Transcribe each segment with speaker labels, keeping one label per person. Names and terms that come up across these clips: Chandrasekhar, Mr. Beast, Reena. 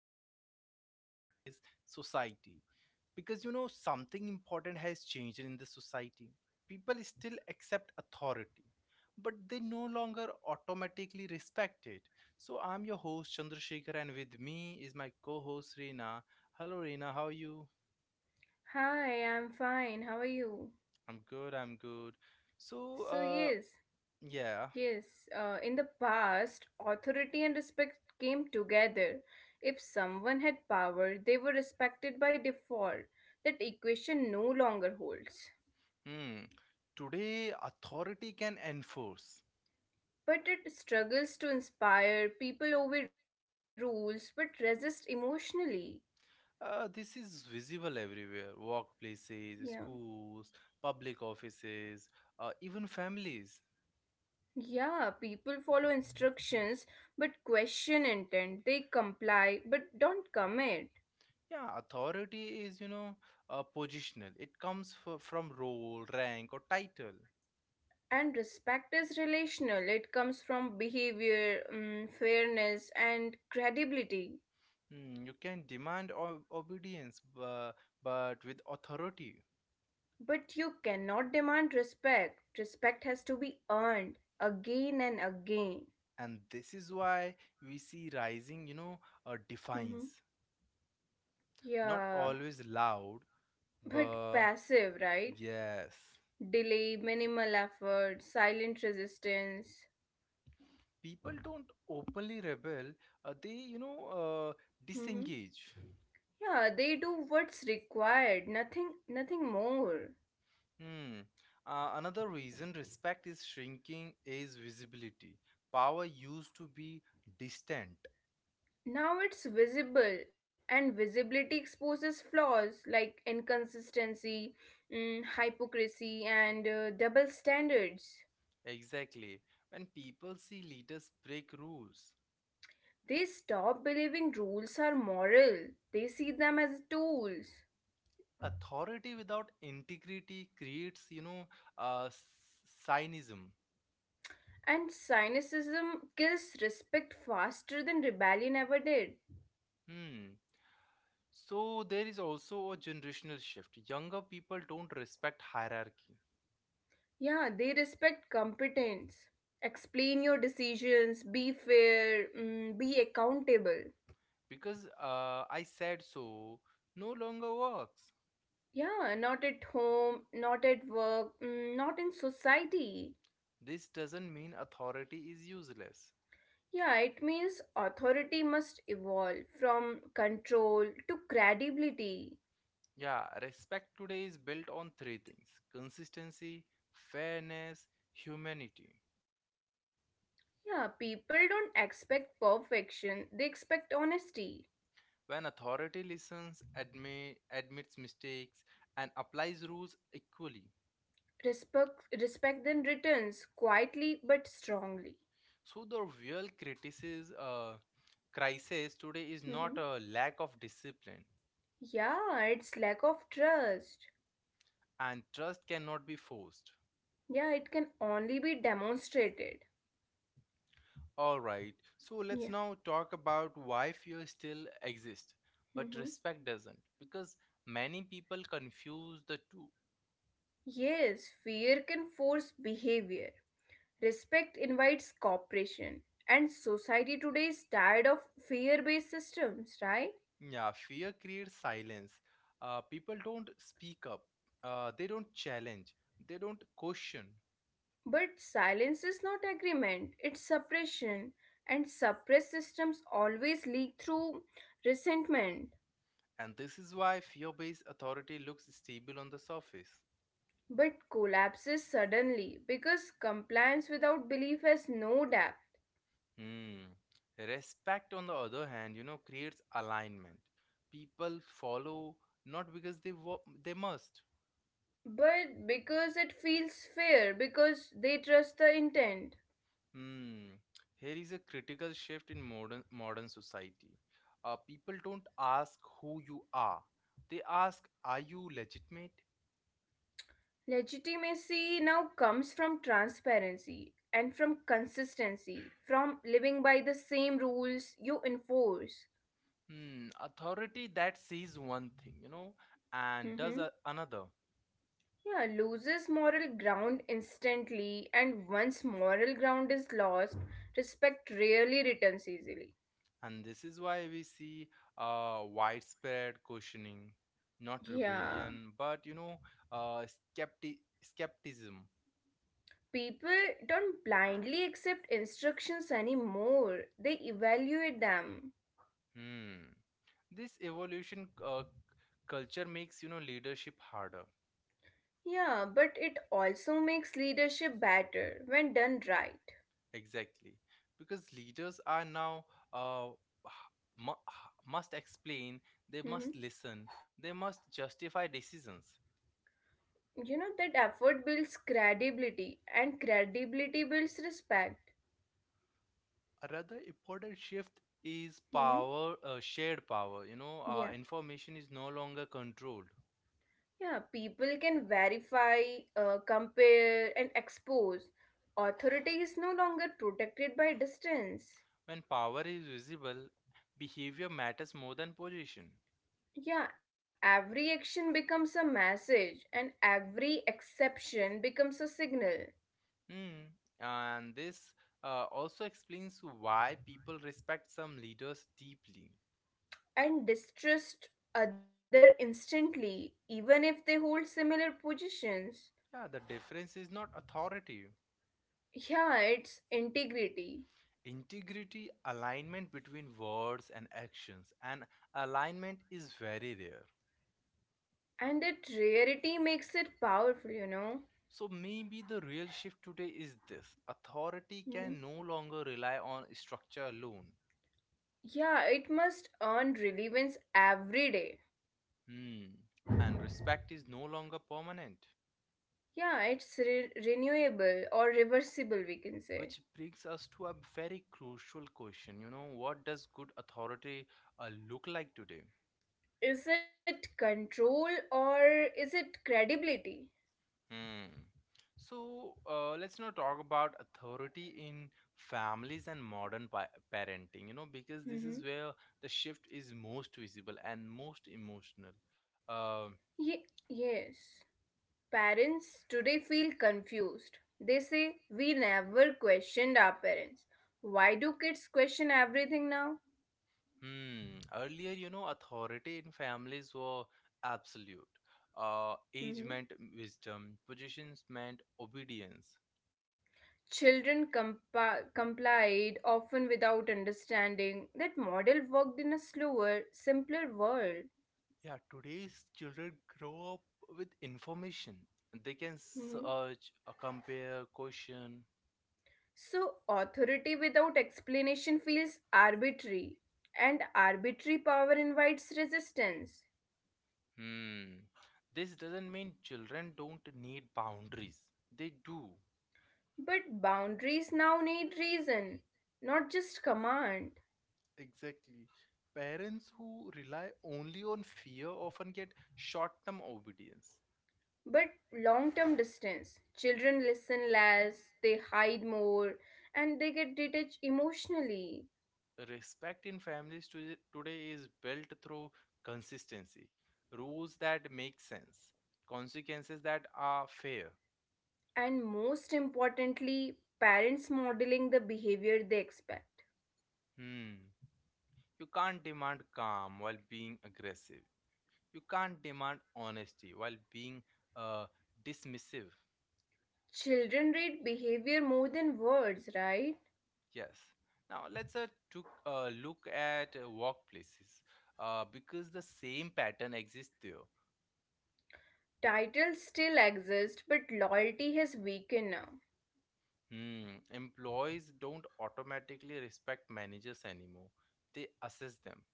Speaker 1: respect and the category is society. Because you know something important has changed in the society. People still accept authority, but they no longer automatically respect it. So I'm your host Chandrasekhar, and with me is my co-host Reena. Hello, Reena. How are you?
Speaker 2: Hi, I'm fine. How are you?
Speaker 1: I'm good. I'm good. So,
Speaker 2: So,
Speaker 1: uh,
Speaker 2: yes,
Speaker 1: yeah.
Speaker 2: yes, in the past, authority and respect came together. If someone had power, they were respected by default. That equation no longer holds.
Speaker 1: Hmm. Today, authority can enforce.
Speaker 2: But it struggles to inspire, people obey rules, but resist emotionally.
Speaker 1: This is visible everywhere: workplaces,
Speaker 2: Yeah.
Speaker 1: schools, public offices, even families.
Speaker 2: Yeah, people follow instructions but question intent. They comply but don't commit.
Speaker 1: Yeah, authority is positional. It comes from role, rank, or title.
Speaker 2: And respect is relational, it comes from behavior, fairness, and credibility.
Speaker 1: Mm, you can demand obedience, but with authority.
Speaker 2: But you cannot demand respect. Respect has to be earned again and again.
Speaker 1: And this is why we see rising,
Speaker 2: Mhm.
Speaker 1: defiance. Not
Speaker 2: Yeah,
Speaker 1: always loud,
Speaker 2: but
Speaker 1: but
Speaker 2: passive, right?
Speaker 1: yes.
Speaker 2: Delay, minimal effort, silent resistance.
Speaker 1: People don't openly rebel, they
Speaker 2: Mhm.
Speaker 1: disengage.
Speaker 2: Yeah, they do what's required, nothing more.
Speaker 1: Hmm. Another reason respect is shrinking is visibility. Power used to be distant.
Speaker 2: Now it's visible, and visibility exposes flaws like inconsistency, hypocrisy, and double standards.
Speaker 1: Exactly. When people see leaders break rules,
Speaker 2: They stop believing rules are moral, they see them as tools.
Speaker 1: authority without integrity creates uh, cynism.
Speaker 2: And cynicism kills respect faster than rebellion ever did.
Speaker 1: Hmm. So there is also a generational shift. Younger people don't respect hierarchy,
Speaker 2: Yeah, they respect competence. Explain your decisions, be fair, be accountable.
Speaker 1: because I said so no longer works.
Speaker 2: Yeah, not at home, not at work, not in society.
Speaker 1: This doesn't mean authority is useless.
Speaker 2: Yeah, it means authority must evolve from control to credibility.
Speaker 1: Yeah, respect today is built on three things: consistency, fairness, humanity.
Speaker 2: Yeah, people don't expect perfection, they expect honesty.
Speaker 1: When authority listens, admits mistakes, and applies rules equally.
Speaker 2: Respect then returns quietly but strongly.
Speaker 1: So the real crisis today is not
Speaker 2: Mhm.
Speaker 1: a lack of discipline,
Speaker 2: Yeah, it's lack of trust.
Speaker 1: and trust cannot be forced.
Speaker 2: Yeah, it can only be demonstrated.
Speaker 1: All right, so let's
Speaker 2: Yeah.
Speaker 1: now talk about why fear still exists, but
Speaker 2: Hmm.
Speaker 1: respect doesn't, because many people confuse the two.
Speaker 2: Yes, fear can force behavior. Respect invites cooperation, and society today is tired of fear based systems, right?
Speaker 1: Yeah, fear creates silence. People don't speak up. They don't challenge. They don't question.
Speaker 2: But silence is not agreement, it's suppression, and suppressed systems always leak through resentment,
Speaker 1: And this is why fear based authority looks stable on the surface.
Speaker 2: but collapses suddenly because compliance without belief has no depth.
Speaker 1: Hmm. Respect, on the other hand, you know, creates alignment. People follow not because they they must.
Speaker 2: But because it feels fair, because they trust the intent.
Speaker 1: Hmm. Here is a critical shift in modern society. People don't ask who you are. They ask, are you legitimate?
Speaker 2: Legitimacy now comes from transparency and from consistency, from living by the same rules you enforce.
Speaker 1: Hmm. Authority that sees one thing, you know, and does
Speaker 2: Hmm.
Speaker 1: another.
Speaker 2: Yeah, loses moral ground instantly, and once moral ground is lost, respect rarely returns easily.
Speaker 1: And this is why we see widespread questioning, not
Speaker 2: Yeah,
Speaker 1: rebellion, but skepticism.
Speaker 2: people don't blindly accept instructions anymore, they evaluate them.
Speaker 1: Hmm. This evolution culture makes you know leadership harder.
Speaker 2: Yeah, but it also makes leadership better when done right.
Speaker 1: Exactly, because leaders are now uh, mu- must explain, they must
Speaker 2: Mm-hmm.
Speaker 1: listen, they must justify decisions.
Speaker 2: You know that effort builds credibility, and credibility builds respect.
Speaker 1: A rather important shift is
Speaker 2: Hmm.
Speaker 1: power shared power,
Speaker 2: Yeah,
Speaker 1: information is no longer controlled.
Speaker 2: yeah. People can verify, compare, and expose. Authority is no longer protected by distance.
Speaker 1: When power is visible, behavior matters more than position.
Speaker 2: Yeah, every action becomes a message, and every exception becomes a signal.
Speaker 1: Hmm. And this also explains why people respect some leaders deeply.
Speaker 2: And distrust other instantly, even if they hold similar positions.
Speaker 1: Yeah, the difference is not authority,
Speaker 2: Yeah, it's integrity.
Speaker 1: integrity, alignment between words and actions, and alignment is very rare.
Speaker 2: And that rarity makes it powerful.
Speaker 1: So maybe the real shift today is this: authority
Speaker 2: Mhm.
Speaker 1: can no longer rely on structure alone.
Speaker 2: Yeah, it must earn relevance every day.
Speaker 1: Hmm. And respect is no longer permanent.
Speaker 2: Yeah, it's renewable or reversible, we can say.
Speaker 1: Which brings us to a very crucial question. You know, what does good authority look like today?
Speaker 2: Is it control or is it credibility?
Speaker 1: Hmm. So let's now talk about authority in families and modern parenting, you know, because this
Speaker 2: Mm-hmm.
Speaker 1: is where the shift is most visible and most emotional. Um
Speaker 2: Yes. Parents today feel confused. They say, "We never questioned our parents. Why do kids question everything now?"
Speaker 1: Hmm. Earlier, you know, authority in families were absolute. Age meant wisdom, positions meant obedience.
Speaker 2: Children complied, often without understanding that model worked in a slower, simpler world.
Speaker 1: Yeah, today's children grow up with information. They can
Speaker 2: Hmm.
Speaker 1: search, compare, question.
Speaker 2: So, authority without explanation feels arbitrary, and arbitrary power invites resistance.
Speaker 1: Hmm. This doesn't mean children don't need boundaries. They do.
Speaker 2: But boundaries now need reason, not just command,
Speaker 1: Exactly. Parents who rely only on fear often get short term obedience.
Speaker 2: but long term distance. Children listen less, they hide more, and they get detached emotionally.
Speaker 1: Respect in families today is built through consistency, rules that make sense, consequences that are fair.
Speaker 2: And most importantly, parents modeling the behavior they expect.
Speaker 1: Hmm. You can't demand calm while being aggressive. You can't demand honesty while being uh, dismissive.
Speaker 2: Children read behavior more than words, right?
Speaker 1: Yes. Now let's took a look at workplaces, because the same pattern exists there.
Speaker 2: Titles still exist, but loyalty has weakened now.
Speaker 1: Hmm. Employees don't automatically respect managers anymore. They assess them.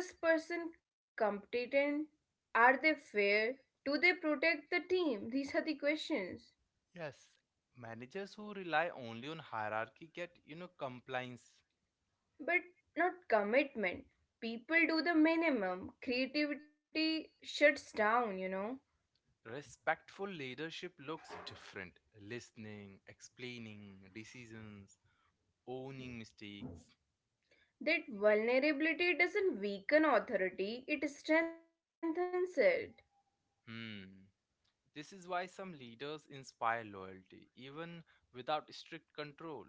Speaker 2: Is this person competent? Are they fair? Do they protect the team? These are the questions.
Speaker 1: Yes, managers who rely only on hierarchy get, you know, compliance.
Speaker 2: But not commitment. People do the minimum. Creativity shuts down.
Speaker 1: Respectful leadership looks different. Listening, explaining, decisions, owning mistakes.
Speaker 2: That vulnerability doesn't weaken authority, it strengthens it.
Speaker 1: Hmm. This is why some leaders inspire loyalty, even without strict control.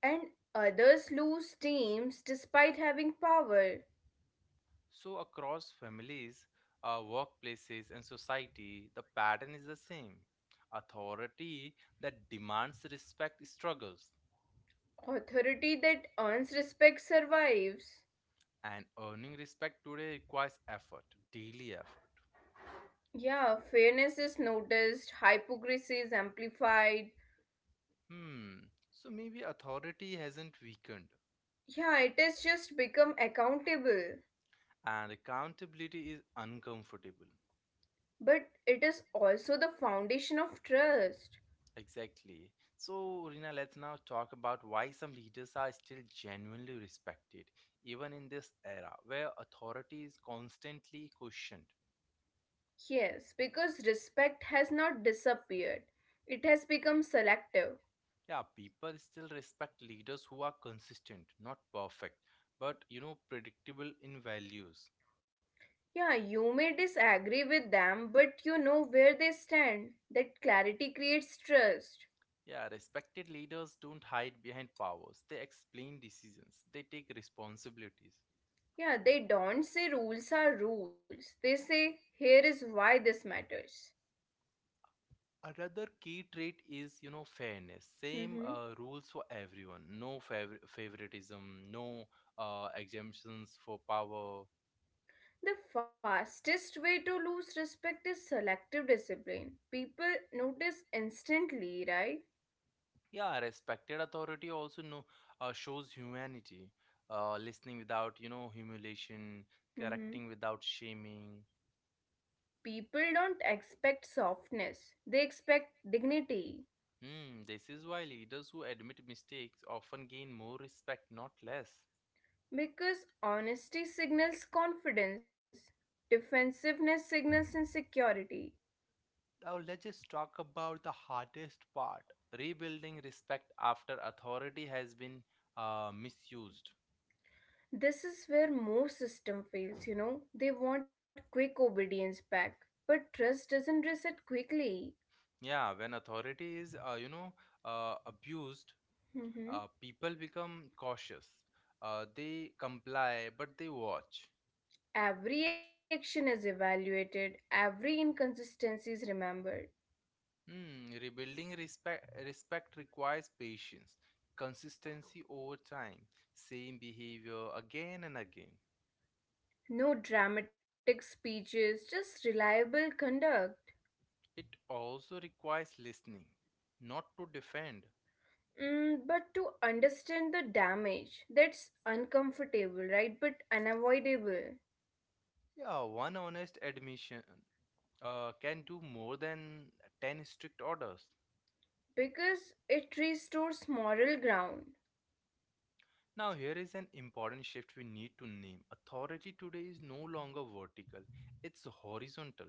Speaker 2: And others lose teams despite having power.
Speaker 1: So, across families, workplaces, and society, the pattern is the same. Authority that demands respect struggles.
Speaker 2: Authority that earns respect survives.
Speaker 1: And earning respect today requires effort, daily effort.
Speaker 2: Yeah, fairness is noticed, hypocrisy is amplified.
Speaker 1: Hmm, so maybe authority hasn't weakened,
Speaker 2: Yeah, it has just become accountable.
Speaker 1: and accountability is uncomfortable.
Speaker 2: But it is also the foundation of trust.
Speaker 1: Exactly. So, Rina, let's now talk about why some leaders are still genuinely respected, even in this era where authority is constantly questioned.
Speaker 2: Yes, because respect has not disappeared, it has become selective.
Speaker 1: Yeah, people still respect leaders who are consistent, not perfect, but you know, predictable in values.
Speaker 2: Yeah, you may disagree with them, but you know where they stand. That clarity creates trust.
Speaker 1: Yeah, respected leaders don't hide behind powers. They explain decisions. They take responsibilities.
Speaker 2: Yeah, they don't say rules are rules. They say, "Here is why this matters."
Speaker 1: Another key trait is, you know, fairness. Same
Speaker 2: Hmm.
Speaker 1: rules for everyone. No favoritism. No exemptions for power.
Speaker 2: The fastest way to lose respect is selective discipline. People notice instantly, right?
Speaker 1: Yeah, respected authority also shows humanity. Listening without, you know, humiliation. Correcting
Speaker 2: Hmm.
Speaker 1: without shaming.
Speaker 2: People don't expect softness, they expect dignity.
Speaker 1: Hmm, this is why leaders who admit mistakes often gain more respect, not less.
Speaker 2: Because honesty signals confidence, defensiveness signals insecurity.
Speaker 1: Now let's just talk about the hardest part: rebuilding respect after authority has been misused.
Speaker 2: This is where most system fails. They want quick obedience back, but trust doesn't reset quickly.
Speaker 1: Yeah, when authority is, abused,
Speaker 2: Mhm.
Speaker 1: people become cautious. They comply, but they watch.
Speaker 2: Every action is evaluated, every inconsistency is remembered.
Speaker 1: Hmm, rebuilding respect requires patience, consistency over time, same behavior again and again.
Speaker 2: No dramatic speeches, just reliable conduct.
Speaker 1: It also requires listening, not to defend.
Speaker 2: But to understand the damage, that's uncomfortable, right? But unavoidable.
Speaker 1: Yeah, one honest admission can do more than 10 strict orders.
Speaker 2: Because it restores moral ground.
Speaker 1: Now, here is an important shift we need to name. Authority today is no longer vertical, it's horizontal.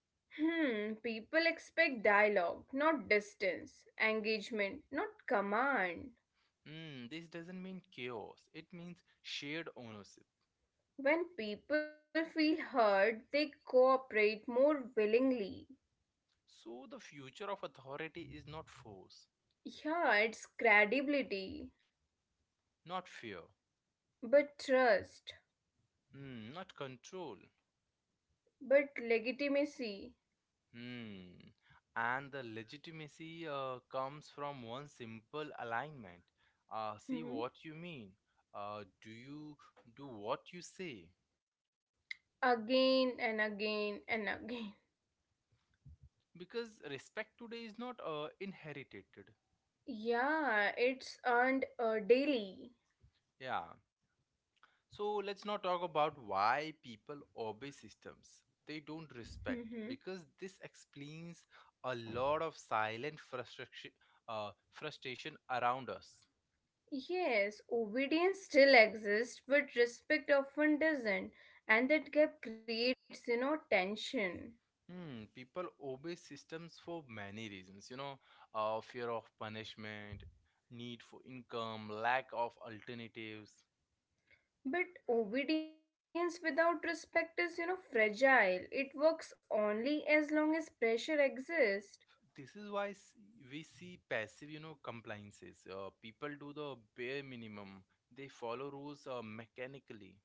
Speaker 2: Hmm, people expect dialogue, not distance, engagement, not command.
Speaker 1: Hmm, this doesn't mean chaos, it means shared ownership.
Speaker 2: When people feel heard, they cooperate more willingly.
Speaker 1: So, the future of authority is not force,
Speaker 2: Yeah, it's credibility,
Speaker 1: not fear,
Speaker 2: but trust,
Speaker 1: hmm, not control.
Speaker 2: but legitimacy.
Speaker 1: Hmm. And the legitimacy comes from one simple alignment. See what you
Speaker 2: Mhm.
Speaker 1: mean. Do you do what you say?
Speaker 2: Again and again and again.
Speaker 1: Because respect today is not inherited.
Speaker 2: Yeah, it's earned daily.
Speaker 1: Yeah. So let's not talk about why people obey systems they don't
Speaker 2: Mhm.
Speaker 1: respect, because this explains a lot of silent frustration, frustration around us.
Speaker 2: Yes, obedience still exists, but respect often doesn't, and that gap creates tension.
Speaker 1: Hmm, people obey systems for many reasons, you know, fear of punishment, need for income, lack of alternatives.
Speaker 2: But obedience without respect is fragile. It works only as long as pressure exists,
Speaker 1: This is why we see passive, you know, compliances. People do the bare minimum, they follow rules mechanically.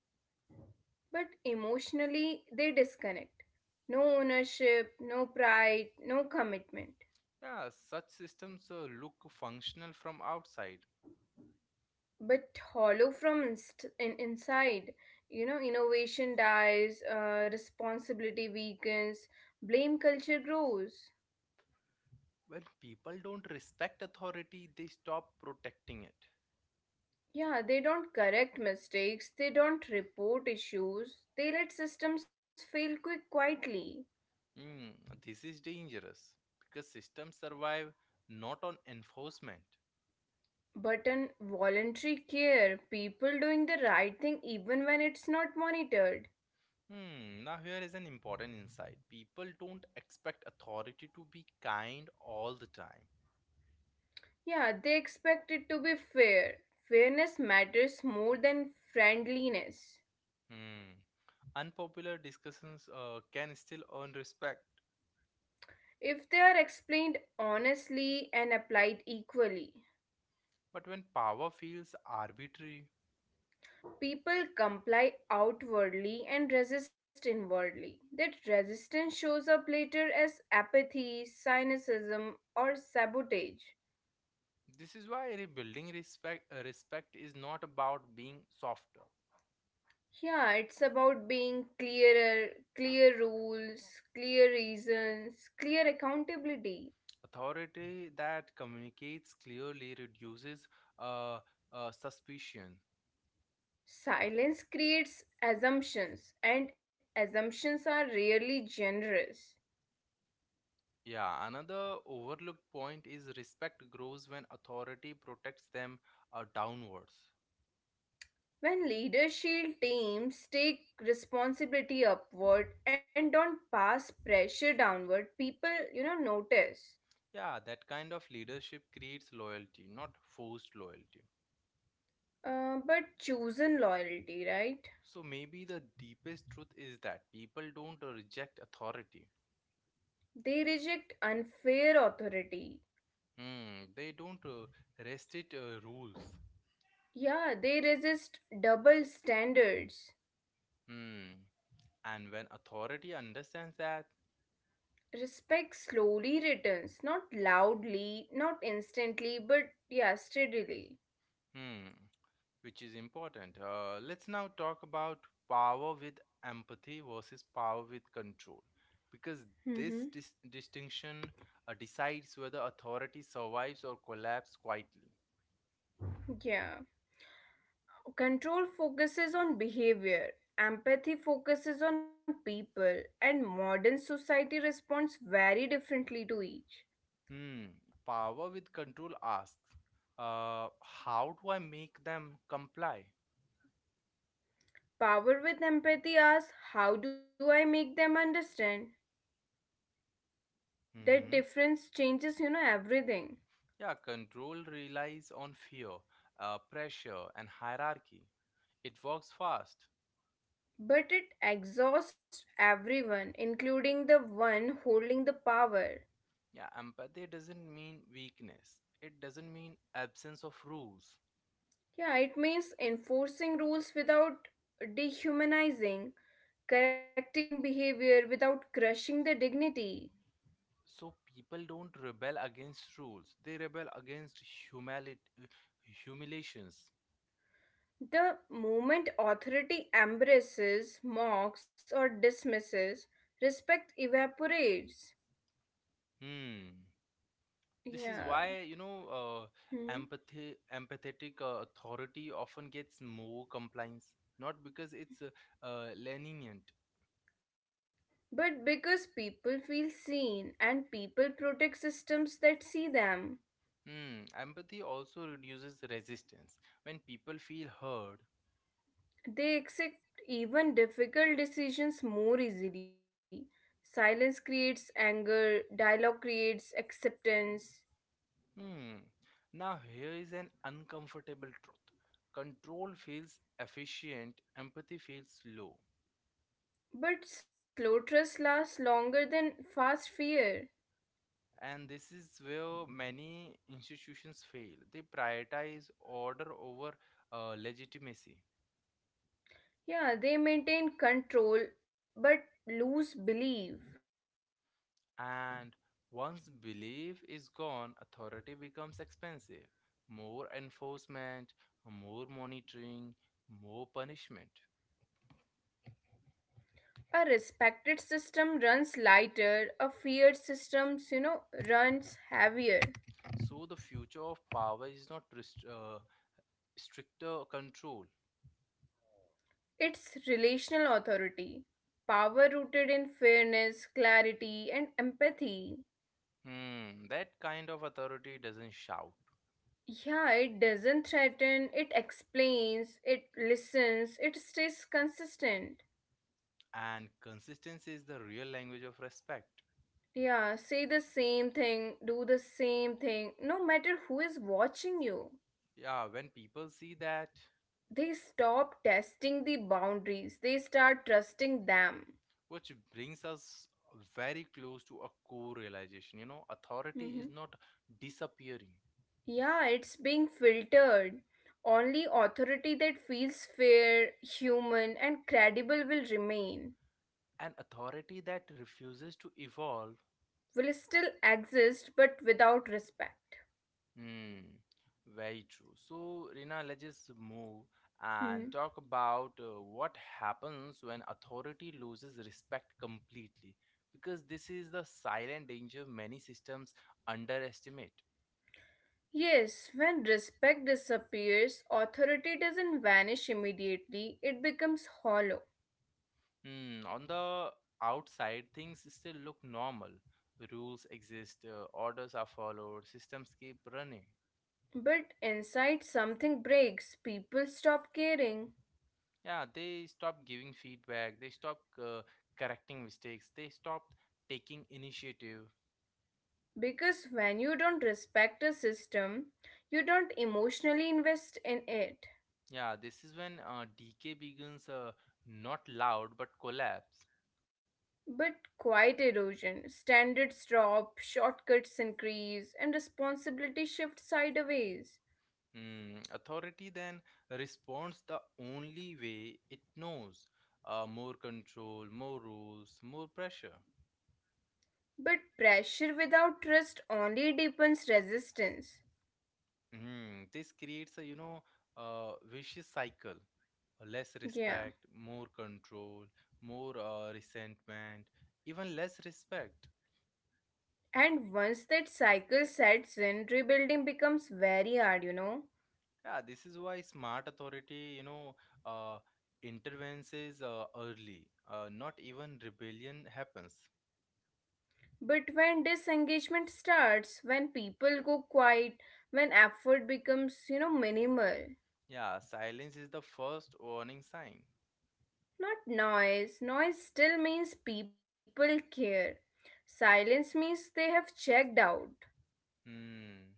Speaker 2: but emotionally they disconnect. No ownership, no pride, no commitment.
Speaker 1: Yeah, such systems look functional from outside.
Speaker 2: But hollow from inside. Innovation dies, responsibility weakens, blame culture grows.
Speaker 1: When people don't respect authority, they stop protecting it.
Speaker 2: Yeah, they don't correct mistakes, they don't report issues, they let systems fail quick quietly.
Speaker 1: Mm, this is dangerous because systems survive not on enforcement.
Speaker 2: But in voluntary care, people doing the right thing even when it's not monitored.
Speaker 1: Hmm, now here is an important insight. People don't expect authority to be kind all the time.
Speaker 2: Yeah, they expect it to be fair. Fairness matters more than friendliness.
Speaker 1: Hmm. Unpopular discussions can still earn respect,
Speaker 2: If they are explained honestly and applied equally.
Speaker 1: but when power feels arbitrary,
Speaker 2: People comply outwardly and resist inwardly. That resistance shows up later as apathy, cynicism, or sabotage.
Speaker 1: this is why rebuilding respect is not about being softer.
Speaker 2: Yeah, it's about being clearer, clear rules, clear reasons, clear accountability.
Speaker 1: Authority that communicates clearly reduces uh, suspicion.
Speaker 2: Silence creates assumptions, and assumptions are rarely generous.
Speaker 1: Yeah, another overlooked point is respect grows when authority protects them downwards.
Speaker 2: When leadership teams take responsibility upward and don't pass pressure downward, people notice.
Speaker 1: Yeah, that kind of leadership creates loyalty, not forced loyalty.
Speaker 2: But chosen loyalty, right?
Speaker 1: So maybe the deepest truth is that people don't reject authority.
Speaker 2: They reject unfair authority.
Speaker 1: Hmm, they don't rest it rules.
Speaker 2: Yeah, they resist double standards.
Speaker 1: Hmm, and when authority understands that,
Speaker 2: Respect slowly returns, not loudly, not instantly, but yeah, steadily.
Speaker 1: hmm, which is important. Let's now talk about power with empathy versus power with control, because
Speaker 2: Mm-hmm.
Speaker 1: this distinction decides whether authority survives or collapses quietly.
Speaker 2: Yeah. Control focuses on behavior, empathy focuses on people, and modern society responds very differently to each.
Speaker 1: Hmm. Power with control asks, uh, how do I make them comply?
Speaker 2: Power with empathy asks, "How do I make them understand?" That
Speaker 1: Hmm.
Speaker 2: difference changes everything.
Speaker 1: Yeah, control relies on fear, pressure, and hierarchy. It works fast.
Speaker 2: But it exhausts everyone, including the one holding the power.
Speaker 1: Yeah, empathy doesn't mean weakness. It doesn't mean absence of rules.
Speaker 2: Yeah, it means enforcing rules without dehumanizing, correcting behavior without crushing the dignity.
Speaker 1: So people don't rebel against rules. They rebel against humali- uh, humiliations.
Speaker 2: The moment authority embraces, mocks, or dismisses, respect evaporates.
Speaker 1: Hmm. This is why
Speaker 2: Yeah. Hmm.
Speaker 1: empathetic authority often gets more compliance, not because it's lenient.
Speaker 2: But because people feel seen and people protect systems that see them,
Speaker 1: Hmm. Empathy also reduces resistance when people feel heard.
Speaker 2: they accept even difficult decisions more easily. Silence creates anger, dialogue creates acceptance.
Speaker 1: Hmm. Now, here is an uncomfortable truth: control feels efficient, empathy feels low.
Speaker 2: But slow trust lasts longer than fast fear.
Speaker 1: And this is where many institutions fail. They prioritize order over legitimacy.
Speaker 2: Yeah, they maintain control but lose belief.
Speaker 1: And once belief is gone, authority becomes expensive. More enforcement, more monitoring, more punishment.
Speaker 2: A respected system runs lighter, a feared system runs heavier.
Speaker 1: So, the future of power is not stricter control.
Speaker 2: It's relational authority, power rooted in fairness, clarity, and empathy.
Speaker 1: Hmm, that kind of authority doesn't shout.
Speaker 2: Yeah, it doesn't threaten, it explains, it listens, it stays consistent.
Speaker 1: And consistency is the real language of respect.
Speaker 2: Yeah, say the same thing, do the same thing, no matter who is watching you.
Speaker 1: Yeah, when people see that,
Speaker 2: They stop testing the boundaries, they start trusting them.
Speaker 1: which brings us very close to a core realization, you know, authority
Speaker 2: Hmm.
Speaker 1: is not disappearing.
Speaker 2: Yeah, it's being filtered. Only authority that feels fair, human, and credible will remain.
Speaker 1: An authority that refuses to evolve.
Speaker 2: Will still exist, but without respect.
Speaker 1: Hmm, very true. So, Rina, let's just move and
Speaker 2: Hmm.
Speaker 1: talk about what happens when authority loses respect completely, because this is the silent danger many systems underestimate.
Speaker 2: Yes, when respect disappears, authority doesn't vanish immediately, it becomes hollow.
Speaker 1: Hmm, on the outside, things still look normal. Rules exist, orders are followed, systems keep running.
Speaker 2: But inside something breaks, people stop caring.
Speaker 1: Yeah, they stop giving feedback, they stop correcting mistakes, they stop taking initiative.
Speaker 2: Because when you don't respect a system, you don't emotionally invest in it.
Speaker 1: Yeah, this is when decay begins, not loud but collapse.
Speaker 2: But quiet erosion, standards drop, shortcuts increase, and responsibility shifts sideways.
Speaker 1: Hmm, authority then responds the only way it knows: more control, more rules, more pressure.
Speaker 2: But pressure without trust only deepens resistance.
Speaker 1: Hmm, this creates a vicious cycle. Less respect,
Speaker 2: Yeah.
Speaker 1: more control, more resentment, even less respect.
Speaker 2: And once that cycle sets in, rebuilding becomes very hard.
Speaker 1: Yeah, this is why smart authority, uh, intervenes early. Not even rebellion happens.
Speaker 2: But when disengagement starts, when people go quiet, when effort becomes minimal,
Speaker 1: Yeah, silence is the first warning sign.
Speaker 2: not noise. Noise still means people care. Silence means they have checked out.
Speaker 1: Hmm.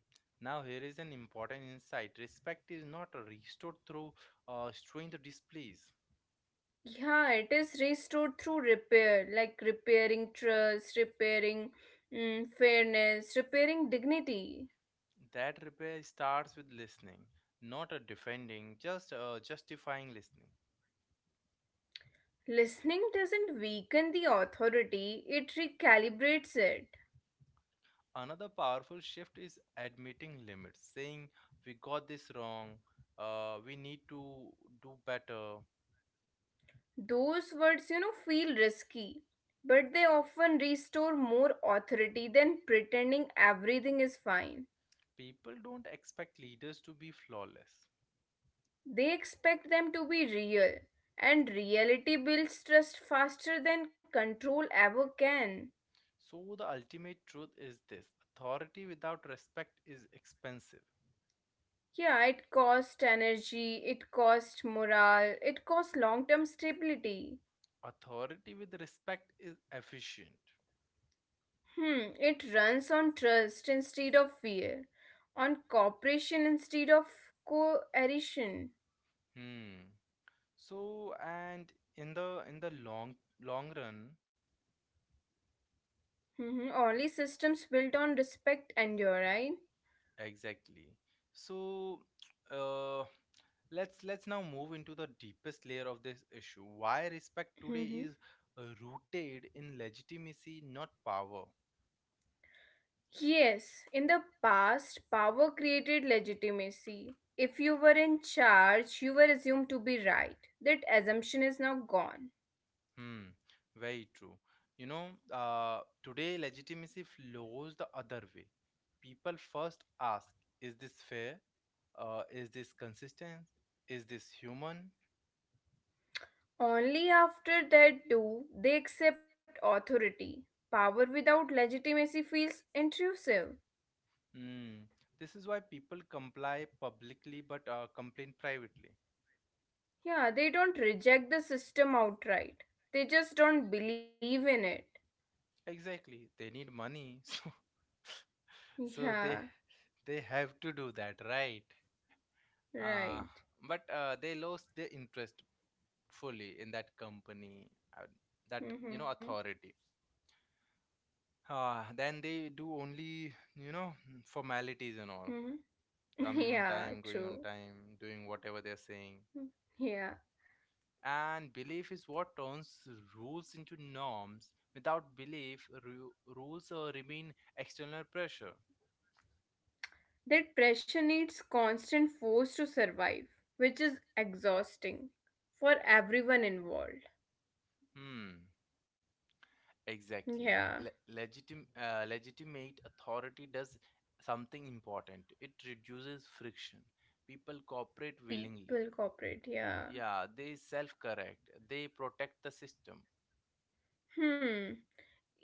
Speaker 1: Now here is an important insight. Respect is not restored through strength displays.
Speaker 2: Yeah, it is restored through repair, like repairing trust, repairing fairness, repairing dignity.
Speaker 1: That repair starts with listening, not a defending, just justifying listening.
Speaker 2: Listening doesn't weaken the authority, it recalibrates it.
Speaker 1: Another powerful shift is admitting limits, saying we got this wrong, we need to do better.
Speaker 2: Those words feel risky, but they often restore more authority than pretending everything is fine.
Speaker 1: People don't expect leaders to be flawless.
Speaker 2: They expect them to be real, and reality builds trust faster than control ever can.
Speaker 1: So the ultimate truth is this: authority without respect is expensive,
Speaker 2: Yeah, it costs energy, it costs morale, it costs long term stability.
Speaker 1: authority with respect is efficient.
Speaker 2: Hmm, it runs on trust instead of fear, on cooperation instead of coercion.
Speaker 1: Hmm. So and in the long run.
Speaker 2: Mm-hmm. Only systems built on respect endure, right?
Speaker 1: Exactly. So, uh, let's now move into the deepest layer of this issue. Why respect today
Speaker 2: Mm-hmm.
Speaker 1: is rooted in legitimacy, not power.
Speaker 2: Yes, in the past, power created legitimacy. If you were in charge, you were assumed to be right. That assumption is now gone.
Speaker 1: Hmm. Very true. Today legitimacy flows the other way. People first ask, "Is this fair? Is this consistent? Is this human?"
Speaker 2: Only after that do they accept authority. Power without legitimacy feels intrusive.
Speaker 1: Hmm. This is why people comply publicly but complain privately.
Speaker 2: Yeah, they don't reject the system outright. They just don't believe in it.
Speaker 1: Exactly. They need money, so so they
Speaker 2: Yeah,
Speaker 1: they have to do that, right? Uh,
Speaker 2: right.
Speaker 1: but they lost their interest fully in that company, uh, that you know
Speaker 2: Mm-hmm.
Speaker 1: authority. Then they do only you know formalities and all,
Speaker 2: Mm-hmm.
Speaker 1: coming on
Speaker 2: Yeah,
Speaker 1: time, going on
Speaker 2: true.
Speaker 1: time, doing whatever they're saying.
Speaker 2: Yeah.
Speaker 1: And belief is what turns rules into norms. Without belief, rules remain external pressure.
Speaker 2: That pressure needs constant force to survive, which is exhausting for everyone involved.
Speaker 1: Hmm. Exactly.
Speaker 2: Yeah.
Speaker 1: Legitimate authority does something important. It reduces friction. People cooperate willingly.
Speaker 2: People cooperate. Yeah.
Speaker 1: Yeah, they self correct. They protect the system.
Speaker 2: Hmm.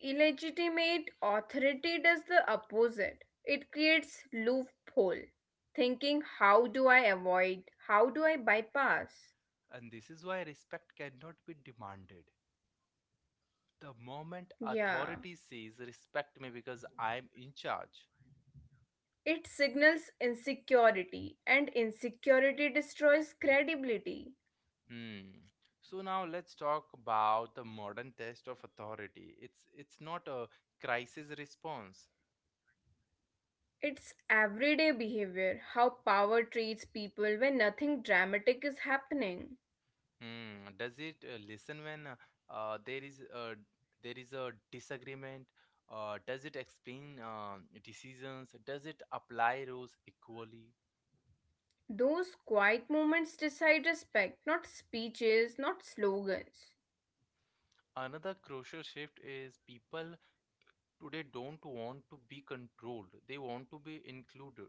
Speaker 2: Illegitimate authority does the opposite. It creates loophole. Thinking, "How do I avoid? How do I bypass?"
Speaker 1: And this is why respect cannot be demanded. The moment
Speaker 2: Yeah.
Speaker 1: authority says respect me because I'm in charge.
Speaker 2: It signals insecurity, and insecurity destroys credibility.
Speaker 1: Hmm. So now let's talk about the modern test of authority. It's not a crisis response.
Speaker 2: It's everyday behavior, how power treats people when nothing dramatic is happening.
Speaker 1: Hmm. Does it listen when uh, there is a, there is a disagreement? Does it explain decisions? Does it apply rules equally?
Speaker 2: Those quiet moments decide respect, not speeches, not slogans.
Speaker 1: Another crucial shift is people today don't want to be controlled. They want to be included.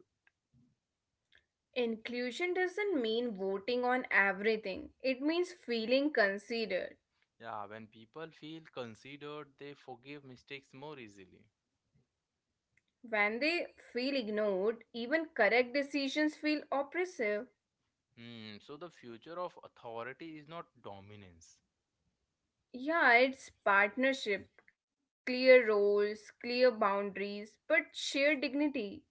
Speaker 2: Inclusion doesn't mean voting on everything, it means feeling considered.
Speaker 1: Yeah, when people feel considered, they forgive mistakes more easily.
Speaker 2: When they feel ignored, even correct decisions feel oppressive.
Speaker 1: Hmm. So the future of authority is not dominance.
Speaker 2: Yeah, it's partnership, clear roles, clear boundaries, but shared dignity.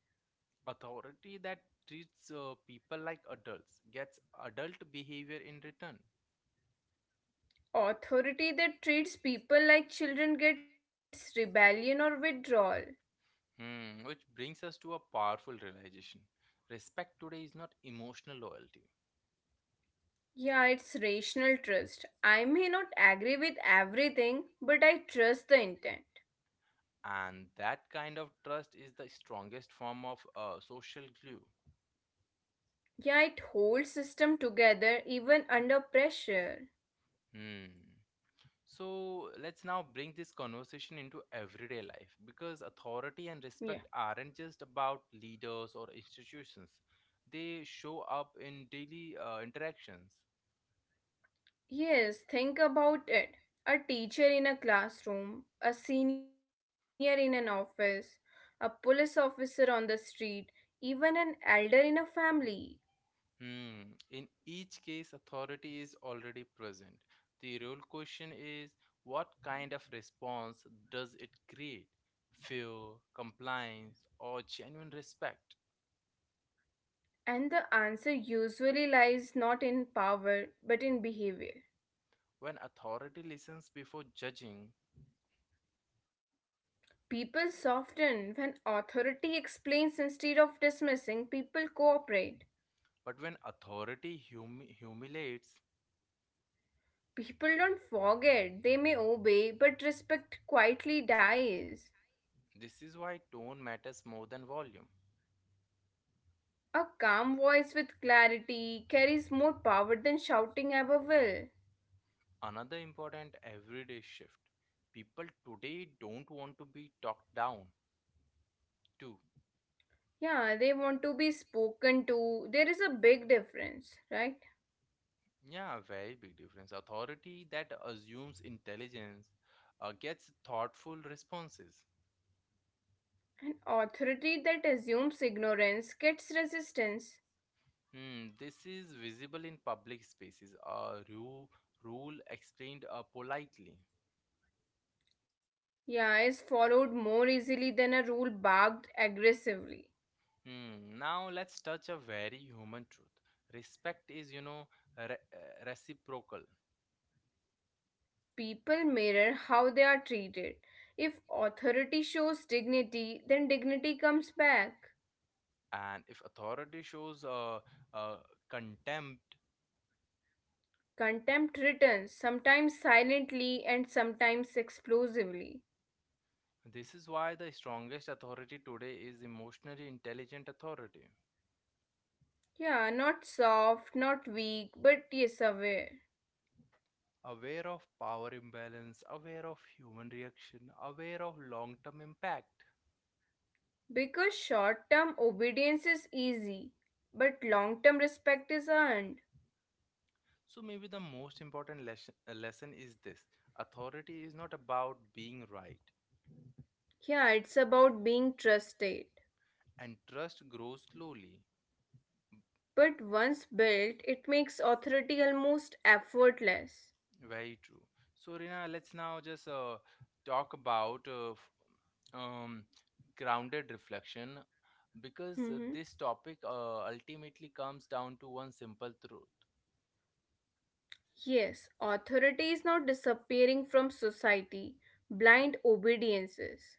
Speaker 1: Authority that treats people like adults gets adult behavior in return.
Speaker 2: Authority that treats people like children gets rebellion or withdrawal.
Speaker 1: Hmm, which brings us to a powerful realization. Respect today is not emotional loyalty.
Speaker 2: Yeah, it's rational trust. I may not agree with everything, but I trust the intent.
Speaker 1: And that kind of trust is the strongest form of social glue.
Speaker 2: Yeah, it holds system together even under pressure.
Speaker 1: Hmm. So let's now bring this conversation into everyday life because authority and
Speaker 2: Yeah.
Speaker 1: respect aren't just about leaders or institutions. They show up in daily interactions.
Speaker 2: Yes, think about it. A teacher in a classroom, a senior in an office, a police officer on the street, even an elder in a family.
Speaker 1: Hmm. In each case, authority is already present. The real question is what kind of response does it create? Fear, compliance, or genuine respect?
Speaker 2: And the answer usually lies not in power but in behavior.
Speaker 1: When authority listens before judging,
Speaker 2: People soften when authority explains instead of dismissing, people cooperate.
Speaker 1: but when authority humiliates,
Speaker 2: People don't forget, they may obey, but respect quietly dies.
Speaker 1: this is why tone matters more than volume.
Speaker 2: A calm voice with clarity carries more power than shouting ever will.
Speaker 1: Another important everyday shift. People today don't want to be talked down to.
Speaker 2: Yeah, they want to be spoken to. There is a big difference, right?
Speaker 1: Yeah, very big difference. Authority that assumes intelligence gets thoughtful responses.
Speaker 2: Authority that assumes ignorance gets resistance.
Speaker 1: Hmm, this is visible in public spaces. A rule explained politely.
Speaker 2: Yeah, is followed more easily than a rule barked aggressively.
Speaker 1: Hmm, now let's touch a very human truth. Respect is, you know, reciprocal.
Speaker 2: People mirror how they are treated. If authority shows dignity, then dignity comes back.
Speaker 1: And if authority shows uh, contempt,
Speaker 2: Contempt returns, sometimes silently and sometimes explosively.
Speaker 1: this is why the strongest authority today is emotionally intelligent authority.
Speaker 2: Yeah, not soft, not weak, but yes, aware.
Speaker 1: Aware of power imbalance, aware of human reaction, aware of long term impact.
Speaker 2: Because short term obedience is easy, but long term respect is earned.
Speaker 1: So, maybe the most important lesson is this: authority is not about being right,
Speaker 2: Yeah, it's about being trusted.
Speaker 1: and trust grows slowly.
Speaker 2: But once built, it makes authority almost effortless.
Speaker 1: Very true. So, Rina, let's now just talk about um, grounded reflection because
Speaker 2: Hmm.
Speaker 1: this topic ultimately comes down to one simple truth.
Speaker 2: Yes, authority is not disappearing from society. Blind obediences.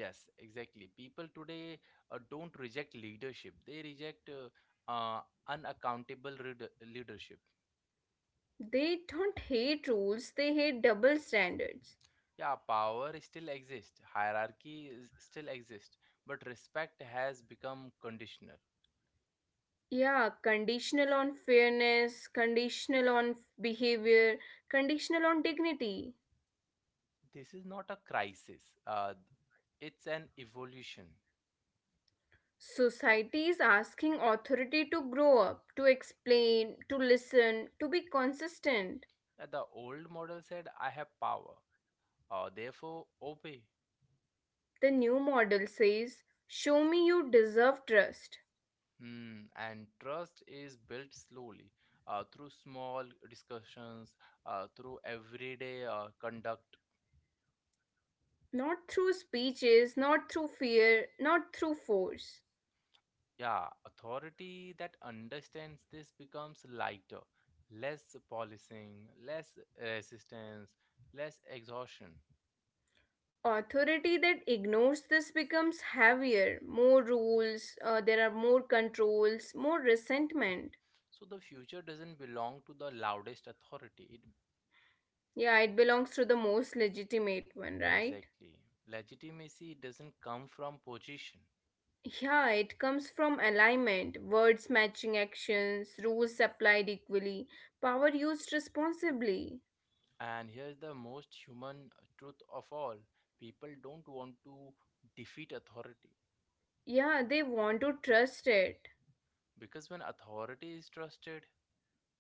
Speaker 1: Yes, exactly. People today don't reject leadership. They reject leadership.
Speaker 2: They don't hate rules, they hate double standards.
Speaker 1: Yeah, power still exists, hierarchy is, still exists, but respect has become conditional.
Speaker 2: Yeah, conditional on fairness, conditional on behavior, conditional on dignity.
Speaker 1: This is not a crisis, it's an evolution.
Speaker 2: Society is asking authority to grow up, to explain, to listen, to be consistent.
Speaker 1: The old model said, I have power, therefore obey.
Speaker 2: The new model says, "Show me you deserve trust."
Speaker 1: Hmm, and trust is built slowly through small discussions, through everyday conduct.
Speaker 2: Not through speeches, not through fear, not through force.
Speaker 1: Yeah, authority that understands this becomes lighter, less policing, less resistance, less exhaustion.
Speaker 2: Authority that ignores this becomes heavier. More rules, there are more controls, more resentment.
Speaker 1: So the future doesn't belong to the loudest authority. It
Speaker 2: Yeah, it belongs to the most legitimate one, right?
Speaker 1: exactly. Legitimacy doesn't come from position.
Speaker 2: Yeah, it comes from alignment, words matching actions, rules applied equally, power used responsibly.
Speaker 1: And here's the most human truth of all: people don't want to defeat authority
Speaker 2: Yeah, they want to trust it.
Speaker 1: because when authority is trusted,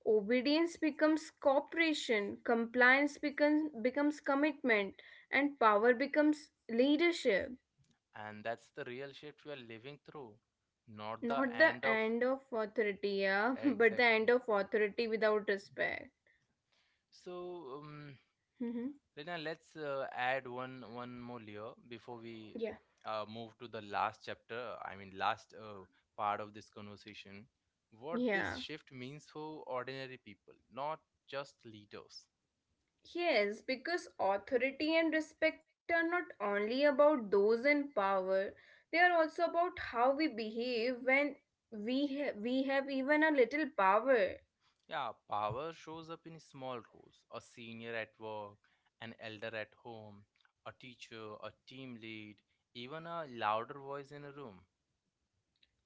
Speaker 2: Obedience becomes cooperation, compliance becomes commitment, and power becomes leadership.
Speaker 1: and that's the real shift we are living through, not the
Speaker 2: Not the
Speaker 1: end of
Speaker 2: end of authority, yeah, but the
Speaker 1: exactly.
Speaker 2: end of authority without respect.
Speaker 1: So,
Speaker 2: Hmm.
Speaker 1: Lena, let's add one more layer before we
Speaker 2: Yeah.
Speaker 1: move to the last chapter. I mean, last part of this conversation. What this
Speaker 2: Yeah.
Speaker 1: shift means for ordinary people, not just leaders.
Speaker 2: Yes, because authority and respect are not only about those in power, they are also about how we behave when we have even a little power.
Speaker 1: Yeah, power shows up in small roles: a senior at work, an elder at home, a teacher, a team lead, even a louder voice in a room.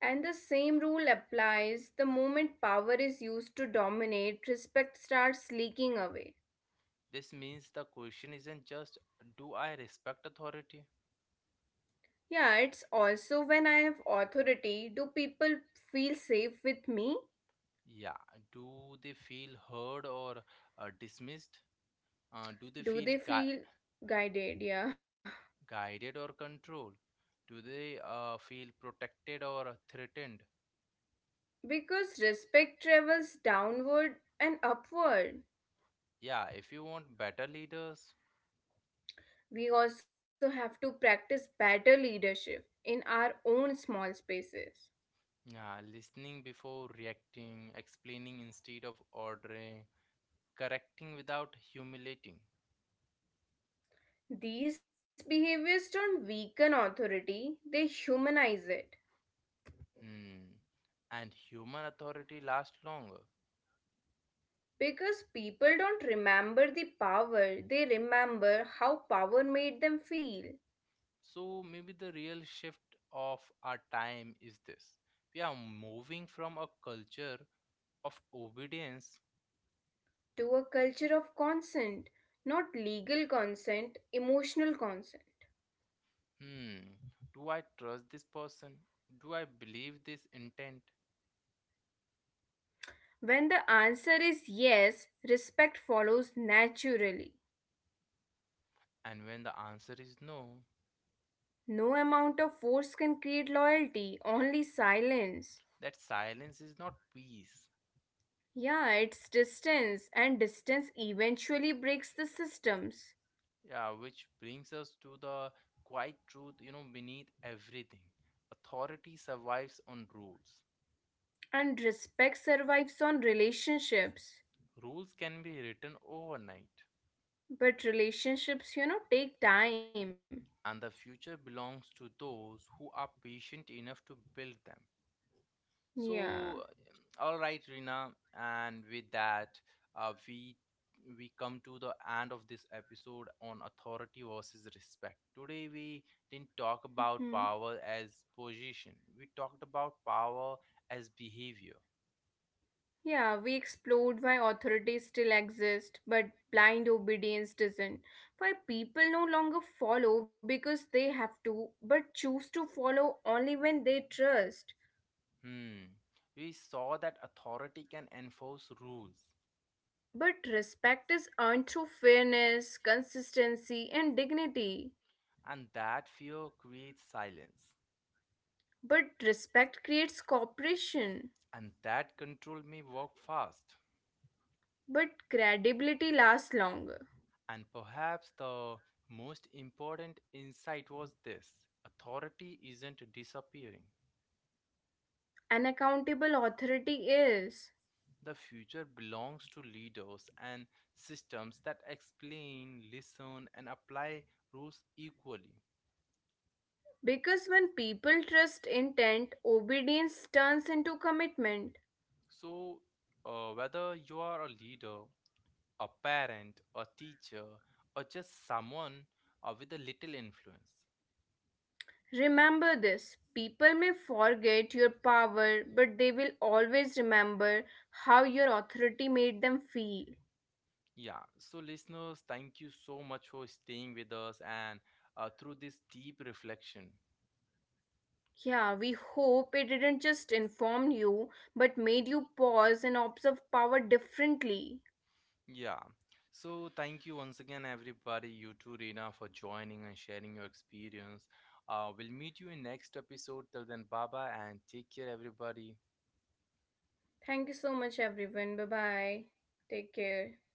Speaker 2: And the same rule applies the moment power is used to dominate, respect starts leaking away.
Speaker 1: This means the question isn't just, "Do I respect authority?"
Speaker 2: Yeah, it's also when I have authority, do people feel safe with me?
Speaker 1: Yeah. Do they feel heard or dismissed? Do they
Speaker 2: Do they feel guided? Yeah.
Speaker 1: guided or controlled? Do they feel protected or threatened?
Speaker 2: Because respect travels downward and upward.
Speaker 1: Yeah. If you want better leaders,
Speaker 2: We also have to practice better leadership in our own small spaces.
Speaker 1: yeah, listening before reacting, explaining instead of ordering, correcting without humiliating.
Speaker 2: These behaviors don't weaken authority, they humanize it.
Speaker 1: Hmm. And human authority lasts longer.
Speaker 2: Because people don't remember the power, they remember how power made them feel.
Speaker 1: So maybe the real shift of our time is this. We are moving from a culture of obedience.
Speaker 2: To a culture of consent, not legal consent, emotional consent.
Speaker 1: Hmm, do I trust this person? Do I believe this intent?
Speaker 2: When the answer is yes, respect follows naturally.
Speaker 1: And when the answer is no,
Speaker 2: No amount of force can create loyalty, only silence.
Speaker 1: that silence is not peace.
Speaker 2: Yeah, it's distance, and distance eventually breaks the systems.
Speaker 1: Yeah, which brings us to the quiet truth, you know, beneath everything. Authority survives on rules.
Speaker 2: And respect survives on relationships.
Speaker 1: Rules can be written overnight,
Speaker 2: But relationships take time.
Speaker 1: and the future belongs to those who are patient enough to build them.
Speaker 2: Yeah.
Speaker 1: So, all right, Rina, and with that, uh, we we come to the end of this episode on authority versus respect. Today, we didn't talk
Speaker 2: Hmm.
Speaker 1: about power as position. We talked about power as behavior.
Speaker 2: Yeah, we explored why authority still exists, but blind obedience doesn't. Why people no longer follow because they have to, but choose to follow only when they trust.
Speaker 1: Hmm. We saw that authority can enforce rules,
Speaker 2: But respect is earned through fairness, consistency, and dignity.
Speaker 1: and that fear creates silence,
Speaker 2: But respect creates cooperation.
Speaker 1: and that control may work fast.
Speaker 2: But credibility lasts longer.
Speaker 1: And perhaps the most important insight was this: authority isn't disappearing.
Speaker 2: An accountable authority is.
Speaker 1: The future belongs to leaders and systems that explain, listen, and apply rules equally.
Speaker 2: Because when people trust intent, obedience turns into commitment.
Speaker 1: So, whether you are a leader, a parent, a teacher, or just someone with a little influence.
Speaker 2: Remember this: people may forget your power, but they will always remember how your authority made them feel.
Speaker 1: Yeah, so listeners, thank you so much for staying with us and through this deep reflection.
Speaker 2: Yeah, we hope it didn't just inform you, but made you pause and observe power differently.
Speaker 1: Yeah. So thank you once again, everybody, you too, Rina, for joining and sharing your experience. We'll meet you in next episode. Till then, bye bye and take care, everybody.
Speaker 2: Thank you so much, everyone. Bye bye. Take care.